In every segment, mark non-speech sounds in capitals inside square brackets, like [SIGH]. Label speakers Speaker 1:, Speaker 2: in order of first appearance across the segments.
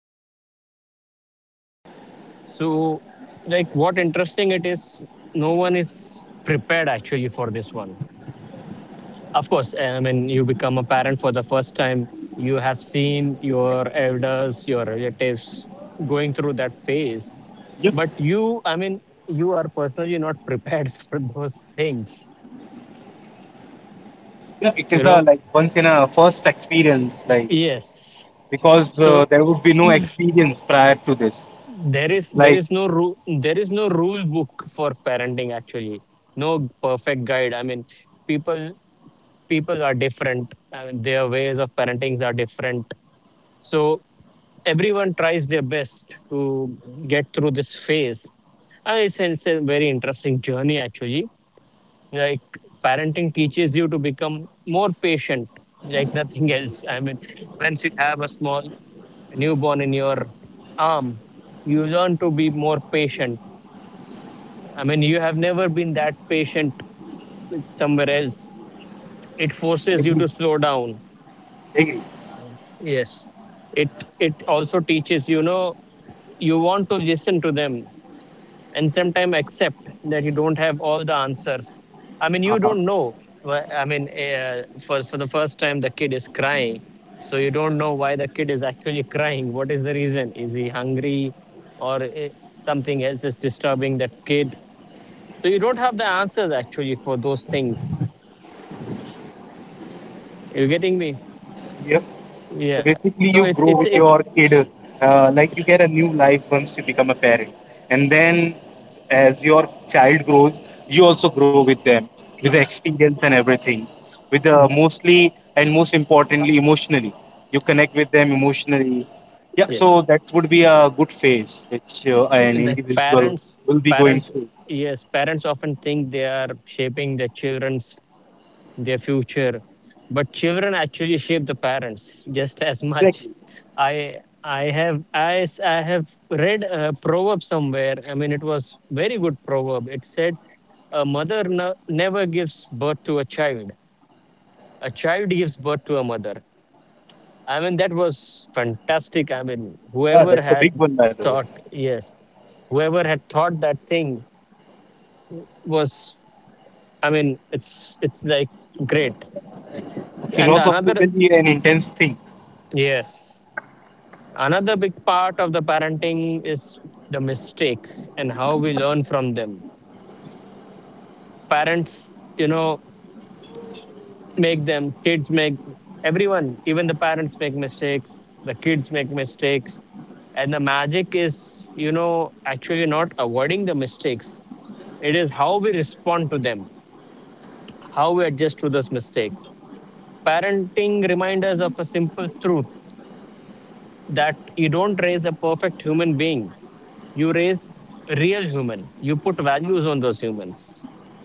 Speaker 1: can go through. So like what interesting it is, no one is prepared actually for this one. Of course, I mean, you become a parent for the first time, you have seen your elders, your relatives going through that phase,
Speaker 2: Yep.
Speaker 1: but you, I mean, you are personally not prepared [LAUGHS] for those things, you
Speaker 2: Yeah,
Speaker 1: know.
Speaker 2: it is a like once in a first experience, like
Speaker 1: Yes,
Speaker 2: because
Speaker 1: so
Speaker 2: there would be no experience prior to this.
Speaker 1: there is
Speaker 2: It's
Speaker 1: there is
Speaker 2: like
Speaker 1: no rule, there is no rule book for parenting actually, no perfect guide. I mean, people people are different. I mean, their ways of parenting are different. So everyone tries their best to get through this phase, and it's a very interesting journey actually. Like parenting teaches you to become more patient like nothing [LAUGHS] else. I mean, once you have a small newborn in your arm, you learn to be more patient. I mean, you have never been that patient with somewhere else. It forces you
Speaker 2: agree,
Speaker 1: to slow down.
Speaker 2: agree.
Speaker 1: Yes, it it also teaches, you know, you want to listen to them and sometimes accept that you don't have all the answers. I mean, you
Speaker 2: Uh-huh.
Speaker 1: don't know. I mean, for the first time, the kid is crying, so you don't know why the kid is actually crying. What is the reason? Is he hungry, or something else is disturbing that kid? So you don't have the answers actually for those things. You getting me?
Speaker 2: Yep. So
Speaker 1: Yeah. So
Speaker 2: basically,
Speaker 1: it's
Speaker 2: you
Speaker 1: it's
Speaker 2: grow with
Speaker 1: it's
Speaker 2: your kid, like you get a new life once you become a parent, and then as your child grows, you also grow with them, with the experience and everything, with the mostly and most importantly emotionally, you connect with them emotionally. Yeah,
Speaker 1: yes.
Speaker 2: so that would be a good phase which an
Speaker 1: The
Speaker 2: individual
Speaker 1: parents,
Speaker 2: will be going
Speaker 1: parents
Speaker 2: through.
Speaker 1: yes, parents often think they are shaping their children's, their future, but children actually shape the parents just as much.
Speaker 2: Exactly.
Speaker 1: i I have read a proverb somewhere. I mean, it was very good proverb. It said a mother no, never gives birth to a child, a child gives birth to a mother. I mean, that was fantastic. I mean,
Speaker 2: Yeah,
Speaker 1: whoever
Speaker 2: that's a
Speaker 1: had
Speaker 2: big one, by the way.
Speaker 1: thought, yes, whoever had thought that thing was, I mean, it's like great. And the another,
Speaker 2: Philosophically, an intense thing.
Speaker 1: yes, another big part of the parenting is the mistakes and how we learn from them. Parents, you know, make them, kids make, everyone, even the parents make mistakes, the kids make mistakes. And the magic is, you know, actually not avoiding the mistakes. It is how we respond to them, how we adjust to those mistakes. Parenting reminds us of a simple truth that you don't raise a perfect human being. You raise real human. You put values on those humans.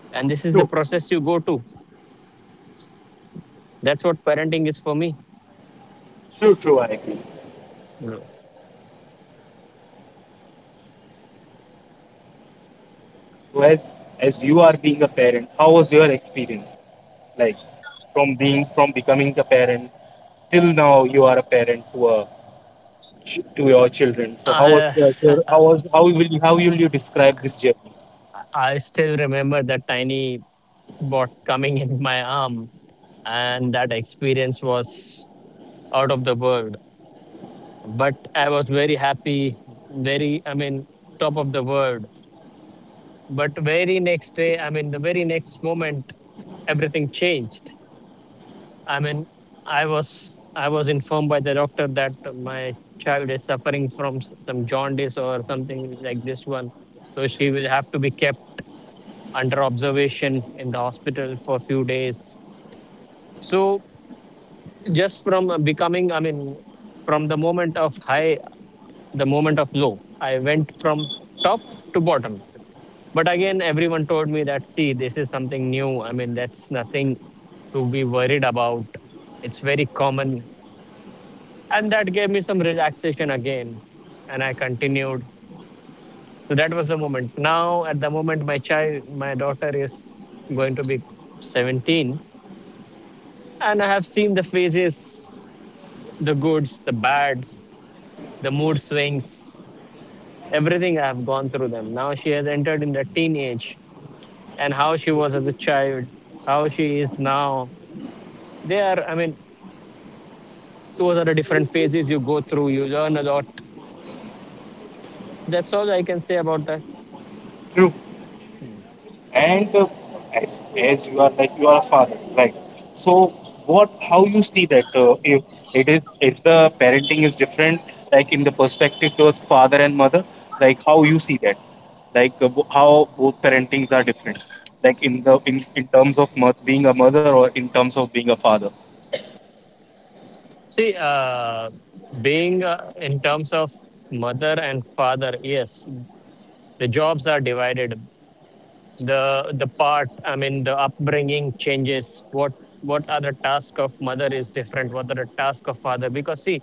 Speaker 1: And this is the
Speaker 2: True,
Speaker 1: process you go to. That's what parenting is for me,
Speaker 2: true, true. I agree.
Speaker 1: bro.
Speaker 2: So as you are being a parent, how was your experience? Like from becoming a parent till now, you are a parent to a to your children. So how was
Speaker 1: I,
Speaker 2: the- how was how will how will you describe this journey?
Speaker 1: [LAUGHS] I still remember that tiny bot coming in my arm, and that experience was out of the world. But I was very happy, very, I mean, top of the world. But very next day, I mean, the very next moment, everything changed. I mean, I was informed by the doctor that my child is suffering from some jaundice or something like this one, so she will have to be kept under observation in the hospital for a few days. So just from becoming, I mean, from the moment of high, the moment of low, I went from top to bottom. But again, everyone told me that, see, this is something new. I mean, that's nothing to be worried about. It's very common, and that gave me some relaxation again, and I continued. So that was the moment. Now at the moment my child, my daughter is going to be 17, and I have seen the phases, the goods, the bads, the mood swings, everything. I have gone through them. Now she has entered in the teenage, and how she was as a child, how she is now, they are, I mean, those are the different phases you go through. You learn a lot. That's all I can say about that.
Speaker 2: True.
Speaker 1: Hmm.
Speaker 2: And as you are like you are a father, right? So what how you see that, if it is if the parenting is different, like in the perspective towards father and mother, like how you see that, like how both parentings are different, like in in terms of being a mother or in terms of being a father.
Speaker 1: See, being in terms of mother and father, yes, the jobs are divided. The part, I mean, the upbringing changes. What are the task of mother is different. What are the task of father? Because see,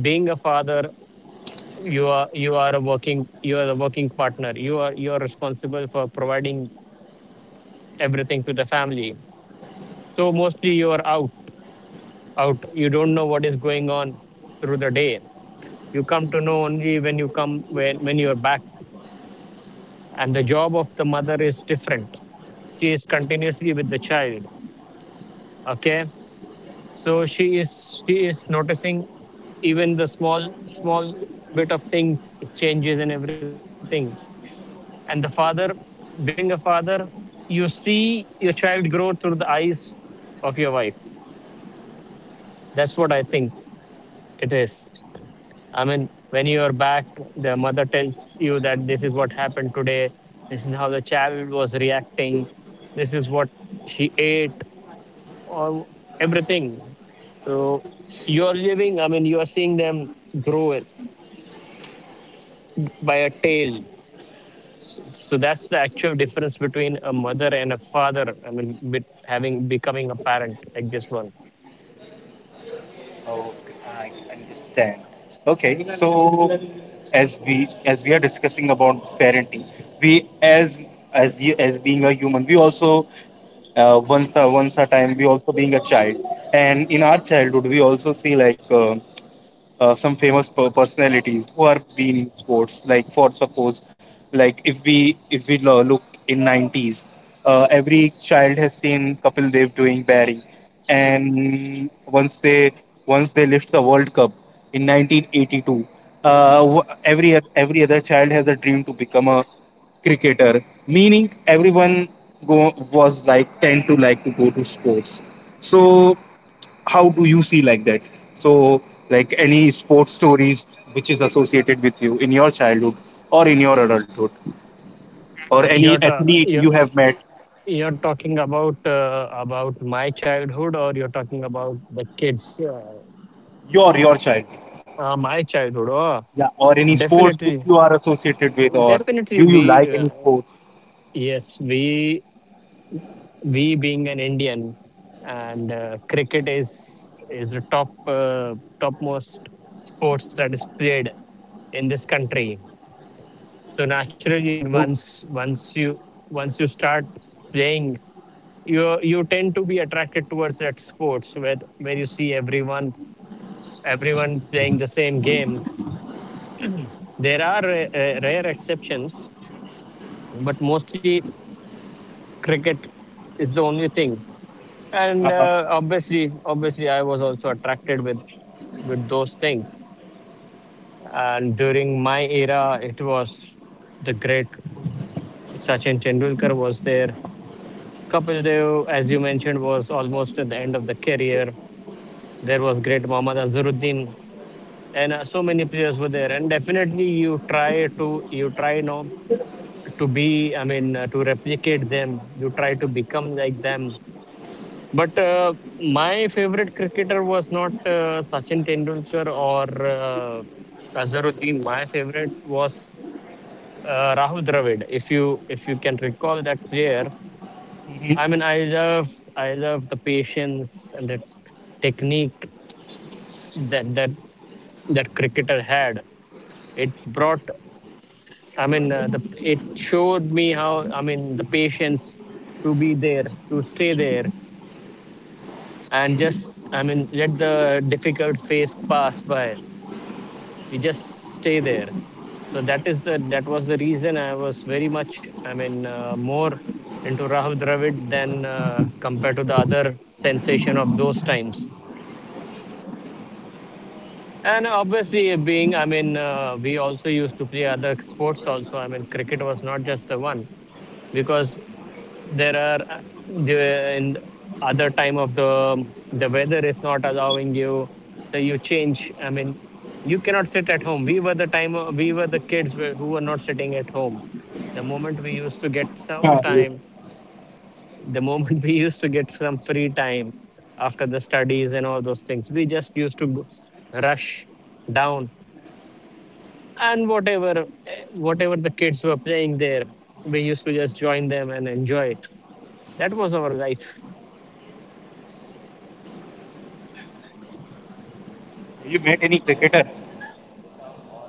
Speaker 1: being a father, you are a working, you are a working partner. You are responsible for providing everything to the family. So mostly you are out, out. You don't know what is going on through the day. You come to know only when you come, when you're back. And the job of the mother is different. She is continuously with the child. Okay. So she is noticing even the small small bit of things changes and everything. And the father, being a father, you see your child grow through the eyes of your wife. That's what I think it is. I mean, when you are back, the mother tells you that this is what happened today. This is how the child was reacting. This is what she ate, or everything. So you are living. I mean, you are seeing them grow it by a tail. So, so that's the actual difference between a mother and a father. I mean, with having becoming a parent like this one.
Speaker 2: Okay, I understand. Okay, so as we are discussing about this parenting, we as you as being a human, we also, once a once a time, we also being a child, and in our childhood we also see like. Some famous personalities who are been in sports. Like for suppose, like if we look in 90s, every child has seen Kapil Dev doing batting, and once they lift the World Cup in 1982, every every other child has a dream to become a cricketer. Meaning was like tend to like to go to sports. So how do you see like that? So, like any sports stories which is associated with you in your childhood or in your adulthood, or
Speaker 1: You're
Speaker 2: any
Speaker 1: ta-
Speaker 2: athlete you have met,
Speaker 1: you're talking about my childhood, or you're talking about the kids?
Speaker 2: your childhood,
Speaker 1: My childhood. Oh,
Speaker 2: yeah, or any sports which
Speaker 1: definitely,
Speaker 2: you are associated with, or
Speaker 1: definitely.
Speaker 2: do you
Speaker 1: We
Speaker 2: like any sports?
Speaker 1: yes, we being an Indian, and cricket is the top topmost sports that is played in this country. So naturally, I mean, once
Speaker 2: Do-
Speaker 1: once you, once you start playing, you tend to be attracted towards that sports where you see everyone playing the same game. [CLEARS THROAT] Mhm. There are rare exceptions, but mostly cricket is the only thing. And
Speaker 2: uh-huh.
Speaker 1: obviously I was also attracted with those things. And during my era it was the great Sachin Tendulkar was there. Kapil Dev, as you mentioned, was almost at the end of the career. There was great Mohammad Azharuddin, and so many players were there. And definitely you try to you try know to be, I mean, to replicate them. You try to become like them. But my favorite cricketer was not Sachin Tendulkar or uh, Azharuddin. My favorite was Rahul Dravid, if you, if you can recall that player.
Speaker 2: Mhm.
Speaker 1: I mean, I love the patience and the technique that that cricketer had. It brought, I mean, the, it showed me how, I mean, the patience to be there, to stay there, and just, I mean, let the difficult phase pass by. You just stay there. So that is the, that was the reason I was very much, I mean, more into Rahul Dravid than compared to the other sensation of those times. And obviously, being, I mean, we also used to play other sports. Also, I mean, cricket was not just the one, because there are the and other time of the weather is not allowing you, so you change. I mean, you cannot sit at home. We were the time, we were the kids were- who were not sitting at home. The moment we used to get some
Speaker 2: Yeah, you,
Speaker 1: time, the moment [LAUGHS] we used to get some free time after the studies and all those things, we just used to rush down, and whatever whatever the kids were playing there, we used to just join them and enjoy. That was our life.
Speaker 2: you met any cricketer?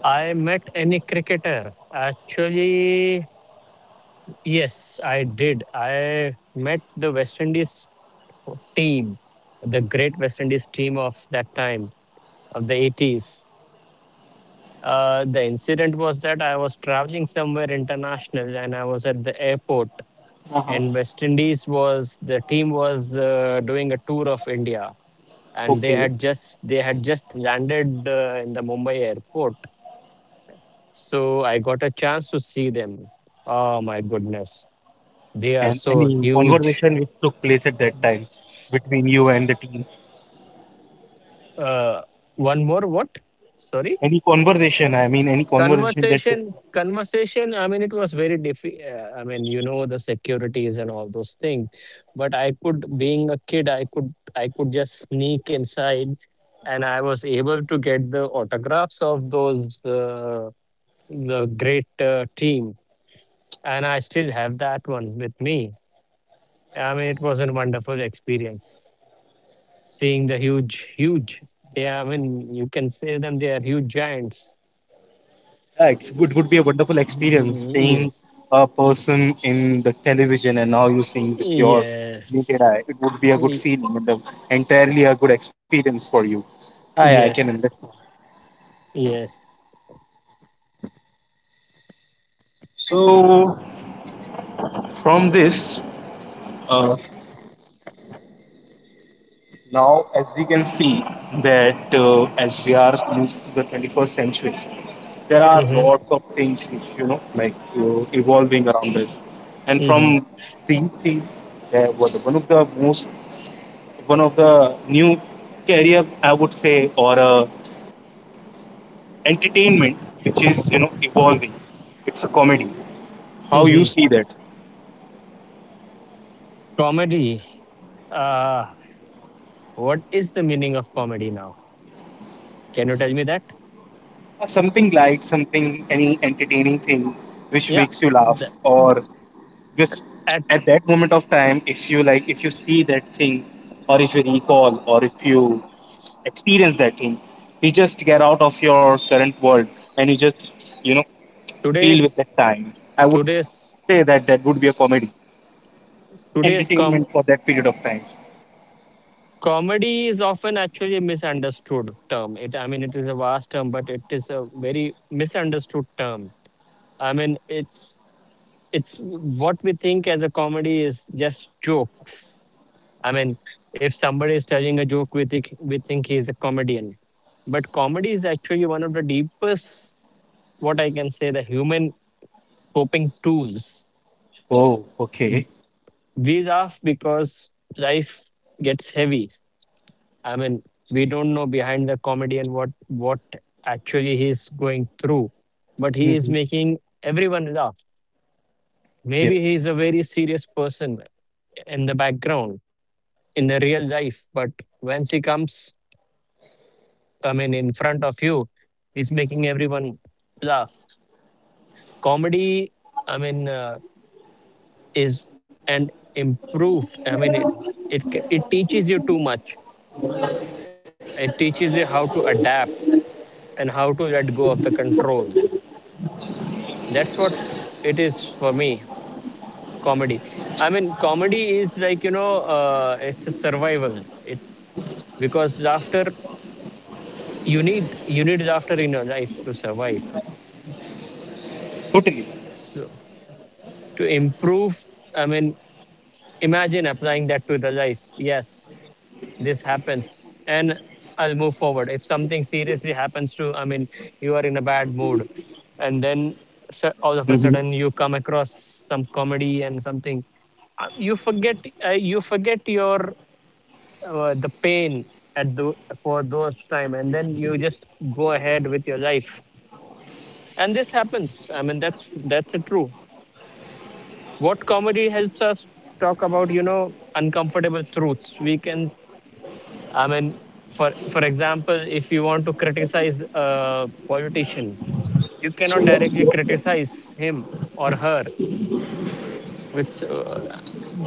Speaker 1: I met any cricketer. Actually, yes, I did. I met the West Indies team, the great West Indies team of that time, of the 80s. The incident was that I was traveling somewhere international and I was at the airport, and
Speaker 2: Uh-huh.
Speaker 1: West Indies was the team was doing a tour of India. And they
Speaker 2: Okay.
Speaker 1: had just they had just landed in the Mumbai airport. So I got a chance to see them. Oh my goodness. They are
Speaker 2: And
Speaker 1: so
Speaker 2: any
Speaker 1: huge.
Speaker 2: conversation which took place at that time between you and the team?
Speaker 1: Uh, one more what? Sorry?
Speaker 2: Any conversation? I mean, any conversation that took.
Speaker 1: Conversation. Conversation. I mean, it was very diffi. I mean, you know the securities and all those things. But I could, being a kid, I could just sneak inside, and I was able to get the autographs of those the great team, and I still have that one with me. I mean, it was a wonderful experience seeing the huge, huge. Yeah, I mean, you can say them they are huge giants.
Speaker 2: Yeah, it's, it would be a wonderful experience
Speaker 1: Mm,
Speaker 2: seeing
Speaker 1: yes,
Speaker 2: a person in the television and now you're seeing with your naked
Speaker 1: yes,
Speaker 2: eye. It would be a good
Speaker 1: Y-
Speaker 2: feeling and a, entirely a good experience for you. I can
Speaker 1: yes,
Speaker 2: understand.
Speaker 1: yes.
Speaker 2: So, from this, uh, now as we can see that, as we are moved to the 21st century, there are
Speaker 1: Mm-hmm.
Speaker 2: lots of things which you know like evolving around us, and
Speaker 1: Mm-hmm.
Speaker 2: from these things, uh, what- one of the most one of the new career I would say, or entertainment which is you know evolving. It's a comedy. How you
Speaker 1: Mm-hmm.
Speaker 2: see that?
Speaker 1: Comedy. Uh, what is the meaning of comedy now? Can you tell me that?
Speaker 2: Something light, something any entertaining thing which
Speaker 1: Yeah.
Speaker 2: makes you laugh,
Speaker 1: The-
Speaker 2: or just
Speaker 1: at
Speaker 2: at that moment of time, if you like, if you see that thing or if you recall or if you experience that thing, you just get out of your current world and you just, you know, feel with that
Speaker 1: today's
Speaker 2: time, I would
Speaker 1: today's
Speaker 2: say that that would be a comedy
Speaker 1: today's com
Speaker 2: entertainment for that period of time.
Speaker 1: Comedy is often actually a misunderstood term. I mean, it is a vast term, but it is a very misunderstood term. I mean, it's what we think as a comedy is just jokes. I mean, if somebody is telling a joke, we think he is a comedian. But comedy is actually one of the deepest, what I can say, the human coping tools.
Speaker 2: Oh, okay.
Speaker 1: We laugh because life gets heavy. I mean, we don't know behind the comedy, and what actually he's going through, but he is
Speaker 2: Hmm.
Speaker 1: making everyone laugh. Maybe
Speaker 2: Yep.
Speaker 1: he is a very serious person in the background, in the real life, but once he comes, I mean, in front of you, he's making everyone laugh. Comedy, I mean, is and improve. I mean, it teaches you too much. It teaches you how to adapt and how to let go of the control. That's what it is for me, comedy. I mean, comedy is like, you know, it's a survival. It Because laughter, you need laughter in your life to survive.
Speaker 2: Totally.
Speaker 1: So to improve, I mean, imagine applying that to the life. Yes, this happens. And I'll move forward. If something seriously happens to, I mean, you are in a bad mood, and then all of a
Speaker 2: Hmm.
Speaker 1: sudden you come across some comedy and something, uh, you forget you forget your the pain at the for those time, and then you just go ahead with your life. And this happens, I mean, that's a true what comedy helps us talk about, you know, uncomfortable truths we can, I mean, for example, if you want to criticize a politician, you cannot directly criticize him or her. It's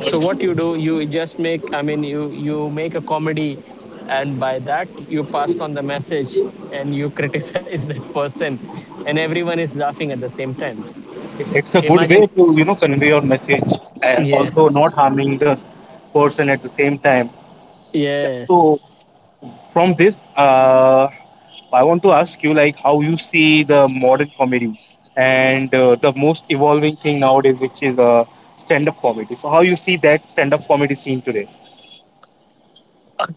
Speaker 1: So what you do, you just make. I mean, you make a comedy, and by that you pass on the message and you criticize [LAUGHS] that person, and everyone is laughing at the same time.
Speaker 2: It's a good
Speaker 1: Imagine,
Speaker 2: way to, you know, convey your message and also not
Speaker 1: yes,
Speaker 2: harming the person at the same time. Yeah. So
Speaker 1: yes. [LAUGHS]
Speaker 2: from this, I want to ask you like how you see the modern comedy and the most evolving thing nowadays, which is stand-up comedy. So how you see that stand-up comedy scene today?
Speaker 1: Uh,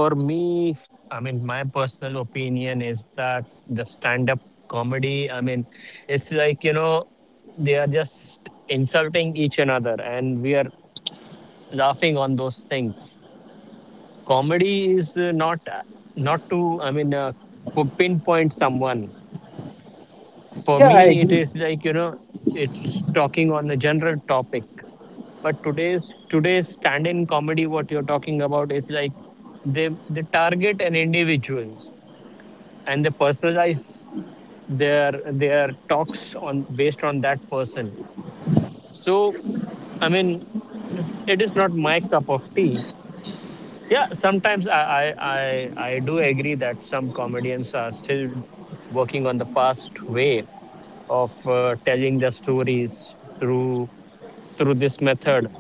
Speaker 1: for me, I mean, my personal opinion is that the stand-up comedy. I mean, it's like, you know, they are just insulting each another, and we are laughing on those things. Comedy is not not to, I mean, pinpoint someone. For
Speaker 2: Yeah, I
Speaker 1: me it
Speaker 2: agree.
Speaker 1: is like, you know, it's talking on a general topic. But today's stand in comedy what you're talking about is like they target an individual, and they personalize their talks on based on that person. So, I mean, it is not my cup of tea. Yeah, sometimes I do agree that some comedians are still working on the past way of telling their stories through this method.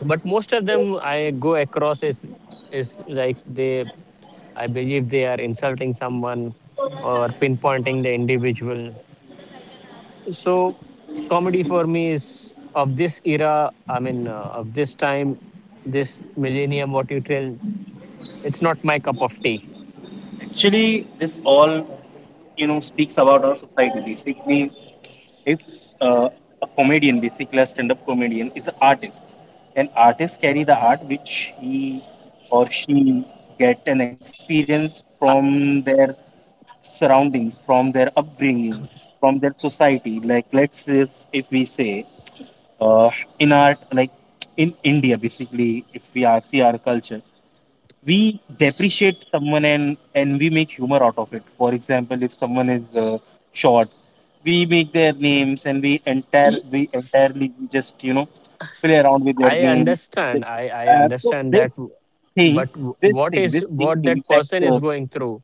Speaker 1: But most of them I go across is like they I believe they are insulting someone or pinpointing the individual. So comedy for me is of this era. I mean, of this time, this millennium. What you tell, it's not my cup of tea.
Speaker 2: Actually, this all, you know, speaks about our society. Basically, if uh, a comedian, basically a stand-up comedian, is an artist, and artists carry the art which he or she get an experience
Speaker 1: I-
Speaker 2: from their surroundings, from their upbringing, from their society. Like let's say if we say, uh, in art, like in India, basically, if we are see our culture, we depreciate someone and we make humor out of it. For example, if someone is short, we make their names and we entirely just, you know, play around with their
Speaker 1: I
Speaker 2: name. This-
Speaker 1: understand. I
Speaker 2: so
Speaker 1: understand that,
Speaker 2: thing
Speaker 1: but what is
Speaker 2: this thing
Speaker 1: what that
Speaker 2: impacts,
Speaker 1: person is going through?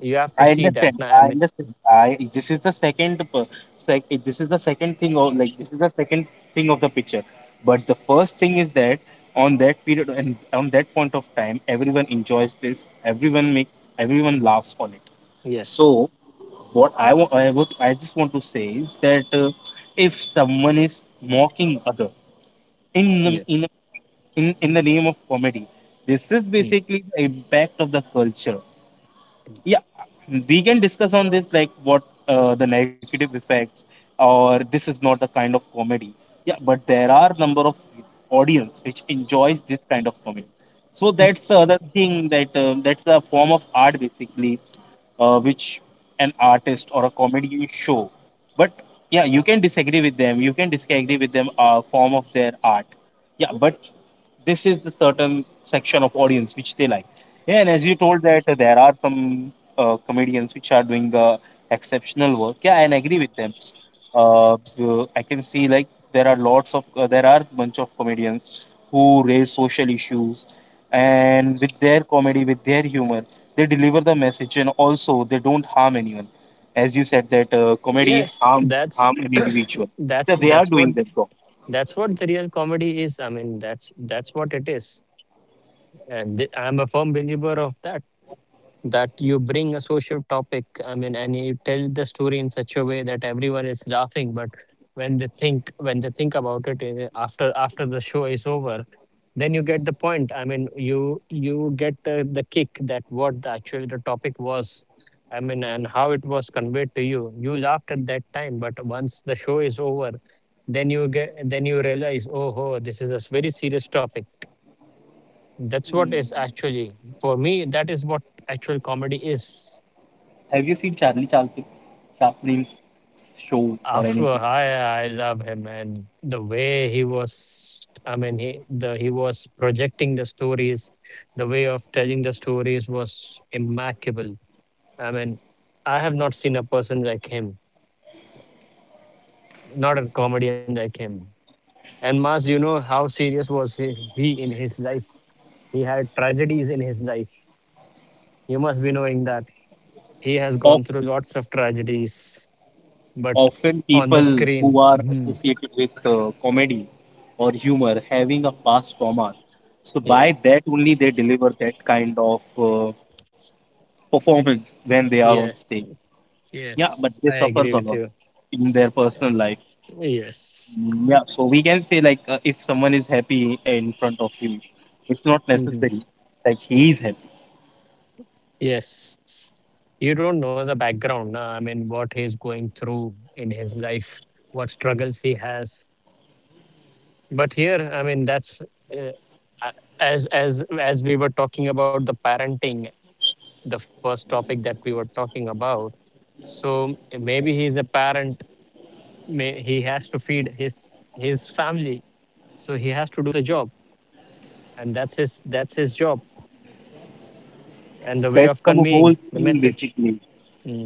Speaker 1: You have to
Speaker 2: I
Speaker 1: see that.
Speaker 2: understand.
Speaker 1: Na, I
Speaker 2: I
Speaker 1: mean,
Speaker 2: understand. I This is the this is the second thing of like, this is the second thing of the picture. But the first thing is that on that period and on that point of time, everyone enjoys this. Everyone laughs on it. So
Speaker 1: yes,
Speaker 2: what I want, I would, I just want to say is that, if someone is mocking other in
Speaker 1: yes,
Speaker 2: the, in in the name of comedy, this is
Speaker 1: mm,
Speaker 2: basically the impact of the culture. Yeah, we can discuss on this like what, the negative effects or this is not the kind of comedy. Yeah, but there are number of audience which enjoys this kind of comedy, so that's the other thing. That that's a form of art basically, which an artist or a comedy show. But yeah, you can disagree with them, form of their art. Yeah, but this is the certain section of audience which they like. Yeah, and as you told that, there are some comedians which are doing exceptional work. Yeah, and I agree with them. I can see like there are lots of there are bunch of comedians who raise social issues, and with their comedy, with their humor, they deliver the message, and also they don't harm anyone. As you said that, comedy
Speaker 1: yes.
Speaker 2: harm
Speaker 1: That's
Speaker 2: harm an individual.
Speaker 1: [CLEARS THROAT]
Speaker 2: So
Speaker 1: that's
Speaker 2: they are
Speaker 1: that's what
Speaker 2: doing that job.
Speaker 1: that's what the real comedy is. I mean, that's what it is, and I'm a firm believer of that. That you bring a social topic, I mean, and you tell the story in such a way that everyone is laughing, but when they think about it, after the show is over, then you get the point. I mean, you get the kick that what the, actually the topic was. I mean, and how it was conveyed to you, you laughed at that time, but once the show is over, then you get, then you realize, oh, this is a very serious topic. That's what is
Speaker 2: Hmm.
Speaker 1: actually for me. That is what actual comedy is.
Speaker 2: Have you seen Chaplin's show or
Speaker 1: After
Speaker 2: anything?
Speaker 1: I love him, and the way he was. I mean, he was projecting the stories. The way of telling the stories was immaculate. I mean, I have not seen a person like him, not a comedian like him. And Mas, you know how serious was he, in his life. He had tragedies in his life. You must be knowing that he has gone through lots of tragedies, but
Speaker 2: Often
Speaker 1: on the
Speaker 2: people who
Speaker 1: screen.
Speaker 2: are
Speaker 1: Mhm.
Speaker 2: associated with comedy or humor having a past trauma. So
Speaker 1: Yeah.
Speaker 2: by that only they deliver that kind of performance when they are on stage.
Speaker 1: Yes.
Speaker 2: Yeah, but they
Speaker 1: Yes, I
Speaker 2: suffers a
Speaker 1: agree
Speaker 2: lot
Speaker 1: with you.
Speaker 2: in their personal
Speaker 1: Yeah.
Speaker 2: life.
Speaker 1: Yes.
Speaker 2: Mm, yeah, so we can say like, if someone is happy in front of him, it's not necessary
Speaker 1: Mhm.
Speaker 2: like he is happy.
Speaker 1: Yes. You don't know the background. Na? I mean, what he's going through in his life, what struggles he has. But here, I mean, a- as we were talking about the parenting, the first topic that we were talking about. So maybe he's a parent, may he has to feed his family, so he has to do the job, and that's his job, and the
Speaker 2: That's
Speaker 1: way
Speaker 2: the
Speaker 1: of
Speaker 2: whole
Speaker 1: conveying the
Speaker 2: thing
Speaker 1: message,
Speaker 2: basically.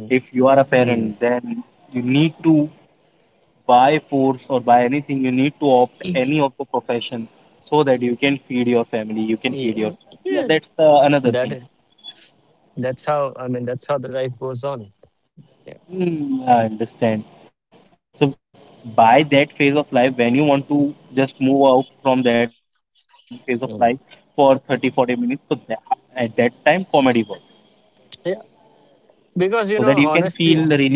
Speaker 1: mm,
Speaker 2: If you are a parent,
Speaker 1: mm.
Speaker 2: then you need to by force or by anything you need to opt any of
Speaker 1: [LAUGHS]
Speaker 2: the profession so that you can feed your family, you can feed yourself.
Speaker 1: Yeah.
Speaker 2: Yeah,
Speaker 1: Yeah.
Speaker 2: that's another thing.
Speaker 1: that is that's how, I mean, that's how the life goes on. Yeah.
Speaker 2: Hmm, I understand. So by that phase of life when you want to just move out from that phase of life for 30
Speaker 1: Mm.
Speaker 2: 40 minutes so that, at that time comedy works
Speaker 1: Yeah,
Speaker 2: so that you can feel
Speaker 1: because,
Speaker 2: the
Speaker 1: you know,
Speaker 2: relief.
Speaker 1: honesty,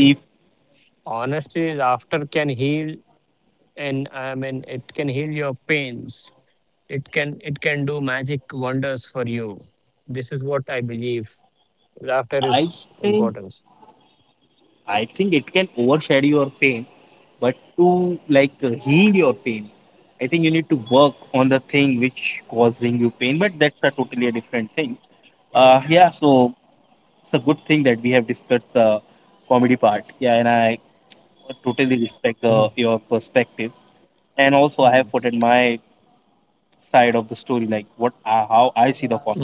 Speaker 1: honesty is after can heal. And, I mean, it can heal your pains, it can do magic wonders for you. This is what I believe.
Speaker 2: i
Speaker 1: Laughter
Speaker 2: think
Speaker 1: is important.
Speaker 2: I think it can overshadow your pain, but to like heal your pain, I think you need to work on the thing which causing you pain. But that's a totally a different thing. Yeah. So it's a good thing that we have discussed the comedy part. Yeah, and I totally respect the, your perspective.
Speaker 1: Mm.
Speaker 2: And also, I have put in my side of the story, like what, how I see the
Speaker 1: Mhm.
Speaker 2: comedy.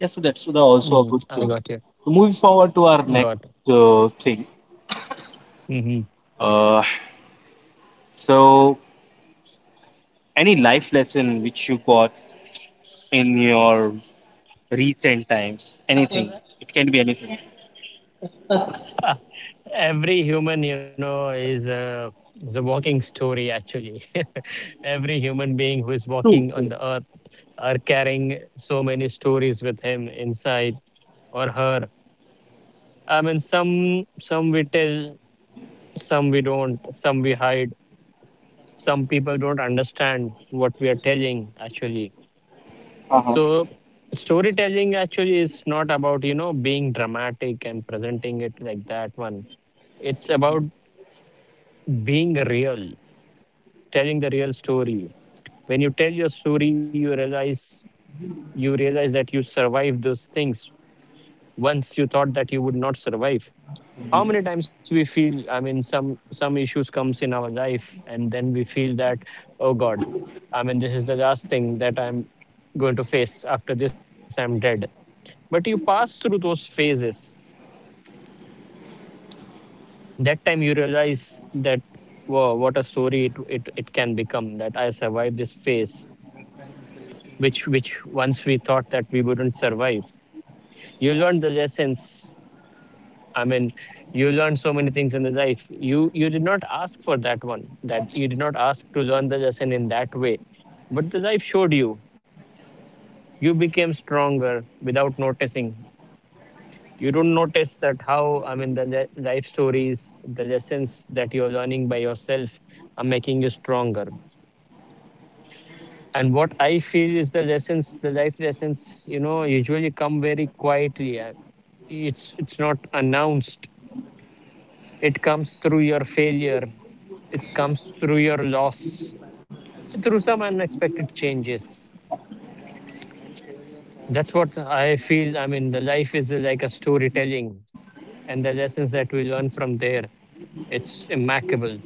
Speaker 2: Yeah, so that's
Speaker 1: Mm.
Speaker 2: also a
Speaker 1: I
Speaker 2: good
Speaker 1: got
Speaker 2: thing.
Speaker 1: you.
Speaker 2: So moving forward to our
Speaker 1: Got.
Speaker 2: next thing.
Speaker 1: Mhm.
Speaker 2: Uh, so Any life lesson which you got in your recent times? Anything. It can be anything.
Speaker 1: Ah, every human, you know, is a walking story. Actually, [LAUGHS] every human being who is
Speaker 2: True,
Speaker 1: walking on
Speaker 2: true.
Speaker 1: the earth are carrying so many stories with him inside or her. I mean, some we tell, some we don't, some we hide. Some people don't understand what we are telling. Actually, so storytelling actually is not about, you know, being dramatic and presenting it like that one. It's about being real, telling the real story. When you tell your story, you realize that you survived those things once you thought that you would not survive. How many times we feel, I mean, some issues comes in our life, and then we feel that, oh God, I mean, this is the last thing that I'm going to face. After this, I'm dead, but you pass through those phases. That time you realize that, wow, what a story it, it can become that I survived this phase, which once we thought that we wouldn't survive. You learned the lessons. I mean, you learned so many things in the life. You did not ask for that one, that you did not ask to learn the lesson in that way, but the life showed you. You became stronger without noticing. You don't notice that how, I mean, life stories, the lessons that you're learning by yourself are making you stronger. And what I feel is the lessons, the life lessons, you know, usually come very quietly. It's not announced. It comes through your failure, it comes through your loss, through some unexpected changes. That's what I feel. I mean, the life is like a storytelling, and the lessons that we learn from there, it's immaculate,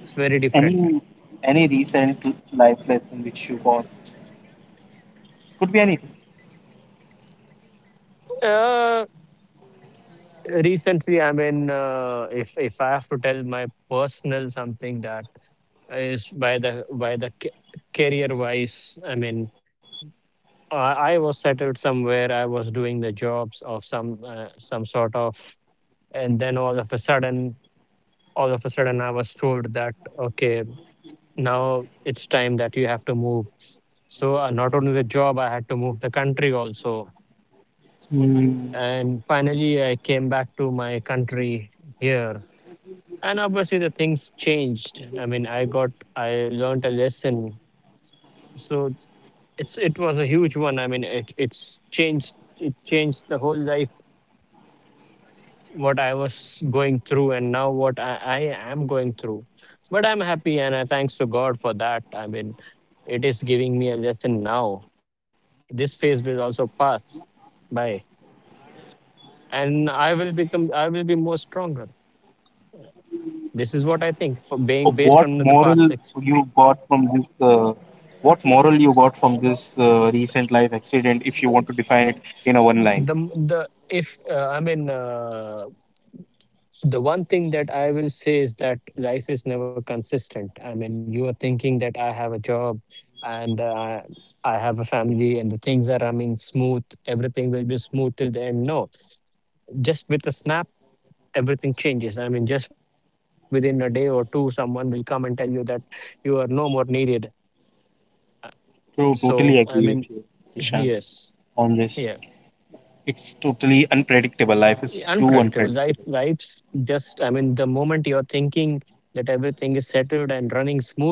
Speaker 1: it's very different.
Speaker 2: Any any recent life lesson which you got? Could be anything.
Speaker 1: Uh, recently, I mean, if I have to tell my personal something, that is by the career wise. I mean, I was settled somewhere. I was doing the jobs of some sort of, and then all of a sudden, I was told that, okay, now it's time that you have to move. So, not only the job, I had to move the country also. And finally, I came back to my country here. And obviously, the things changed. I mean, I learned a lesson. So it's, it's it was a huge one. I mean, it changed the whole life, what I was going through, and now what I am going through. But I'm happy, and I thanks to God for that. I mean, it is giving me a lesson now. This phase will also pass by, and I will be more stronger. This is what I think for
Speaker 2: Or
Speaker 1: being based
Speaker 2: what
Speaker 1: on the
Speaker 2: moral
Speaker 1: past.
Speaker 2: you got from this? What moral you got from this recent life accident? If you want to define it in a one
Speaker 1: the
Speaker 2: line.
Speaker 1: the if I mean the one thing that I will say is that life is never consistent. I mean, you are thinking that I have a job, and I have a family, and the things are running smooth, everything will be smooth till the end. No, just with a snap, everything changes. I mean, just within a day or two, someone will come and tell you that you are no more needed. So,
Speaker 2: True,
Speaker 1: I mean,
Speaker 2: totally agree with you,
Speaker 1: [LAUGHS]
Speaker 2: Ishan,
Speaker 1: yes,
Speaker 2: on
Speaker 1: yeah.
Speaker 2: this. It's totally unpredictable. Life is too
Speaker 1: Unpredictable,
Speaker 2: unpredictable.
Speaker 1: life's just, I mean, the moment you're thinking that everything is settled and running smooth,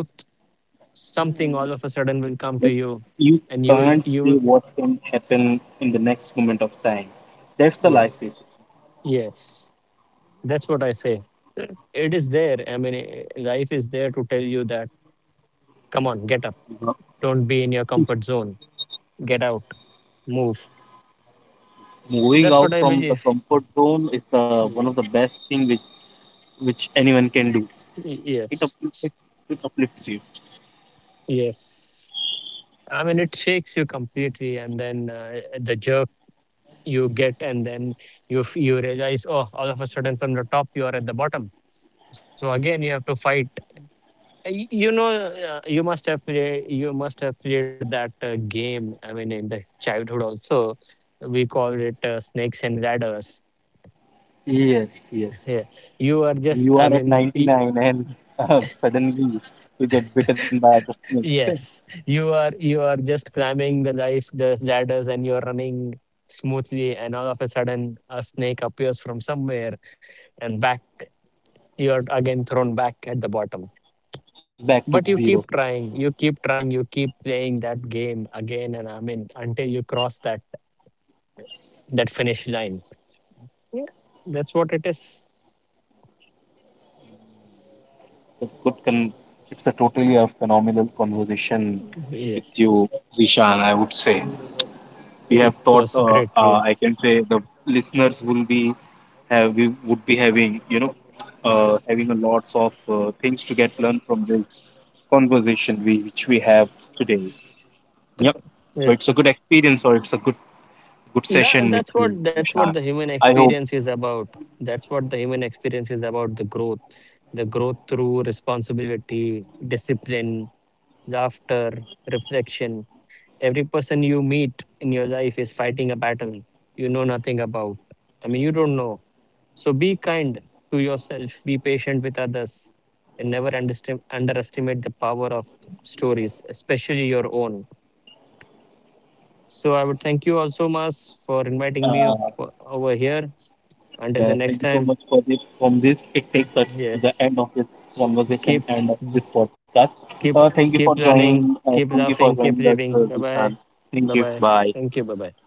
Speaker 1: something all of a sudden will come to
Speaker 2: Like
Speaker 1: you,
Speaker 2: you
Speaker 1: and
Speaker 2: can't
Speaker 1: you will,
Speaker 2: say what can happen in the next moment of time. That's the life basically.
Speaker 1: yes, yes. That's what I say. It is there, I mean, life is there to tell you that, come on, get up,
Speaker 2: You know,
Speaker 1: don't be in your comfort zone, get out, move.
Speaker 2: moving
Speaker 1: That's what
Speaker 2: out
Speaker 1: I
Speaker 2: from the
Speaker 1: believe.
Speaker 2: comfort zone is the one of
Speaker 1: Mm,
Speaker 2: the best thing which anyone can do. It
Speaker 1: yes,
Speaker 2: uplifts. It uplifts you.
Speaker 1: yes. I mean, it shakes you completely, and then, the jerk you get, and then you you realize, oh, all of a sudden, from the top you are at the bottom. So again you have to fight. You know, you must have played that game, I mean, in the childhood also, we called it snakes and ladders.
Speaker 2: Yes, yes.
Speaker 1: [LAUGHS] Yeah. You are just,
Speaker 2: You
Speaker 1: I
Speaker 2: are at
Speaker 1: mean,
Speaker 2: 99 and suddenly you get bitten by the snake [LAUGHS]
Speaker 1: yes, you are just climbing the life, the ladders, and you're running smoothly, and all of a sudden a snake appears from somewhere, and back you're again thrown back at the bottom.
Speaker 2: back to
Speaker 1: But
Speaker 2: zero.
Speaker 1: you keep trying, you keep playing that game again, and I mean, until you cross that finish line. Yeah. That's what it is.
Speaker 2: It's a good con- it's a totally a phenomenal conversation with
Speaker 1: Yes.
Speaker 2: you. We
Speaker 1: It
Speaker 2: have
Speaker 1: was
Speaker 2: thought,
Speaker 1: great,
Speaker 2: I
Speaker 1: yes.
Speaker 2: can say the listeners will be have we would be having, you know, having a lots of things to get learned from this conversation which we have today. Yep. So
Speaker 1: Yes.
Speaker 2: it's a good experience or it's a good good session
Speaker 1: That's
Speaker 2: with
Speaker 1: what,
Speaker 2: you,
Speaker 1: the
Speaker 2: Vishal.
Speaker 1: human
Speaker 2: I
Speaker 1: experience
Speaker 2: hope
Speaker 1: is about. That's what the human experience is about, the growth. The growth through responsibility, discipline, laughter, reflection. Every person you meet in your life is fighting a battle you know nothing about. I mean, you don't know. So be kind to yourself, be patient with others, and never underestimate the power of stories, especially your own. So I would thank you also, Mas, for inviting me
Speaker 2: uh,
Speaker 1: over here. Until the next
Speaker 2: thank you so
Speaker 1: time,
Speaker 2: much for this. From this it takes us to the
Speaker 1: yes,
Speaker 2: end of this
Speaker 1: keep
Speaker 2: conversation and of this podcast.
Speaker 1: keep
Speaker 2: Thank you
Speaker 1: keep
Speaker 2: for joining,
Speaker 1: learning, keep
Speaker 2: thank you
Speaker 1: laughing,
Speaker 2: for
Speaker 1: keep
Speaker 2: joining us,
Speaker 1: living. Bye bye,
Speaker 2: Vishal.
Speaker 1: bye
Speaker 2: Thank you,
Speaker 1: bye. Thank
Speaker 2: bye.
Speaker 1: you. Bye bye.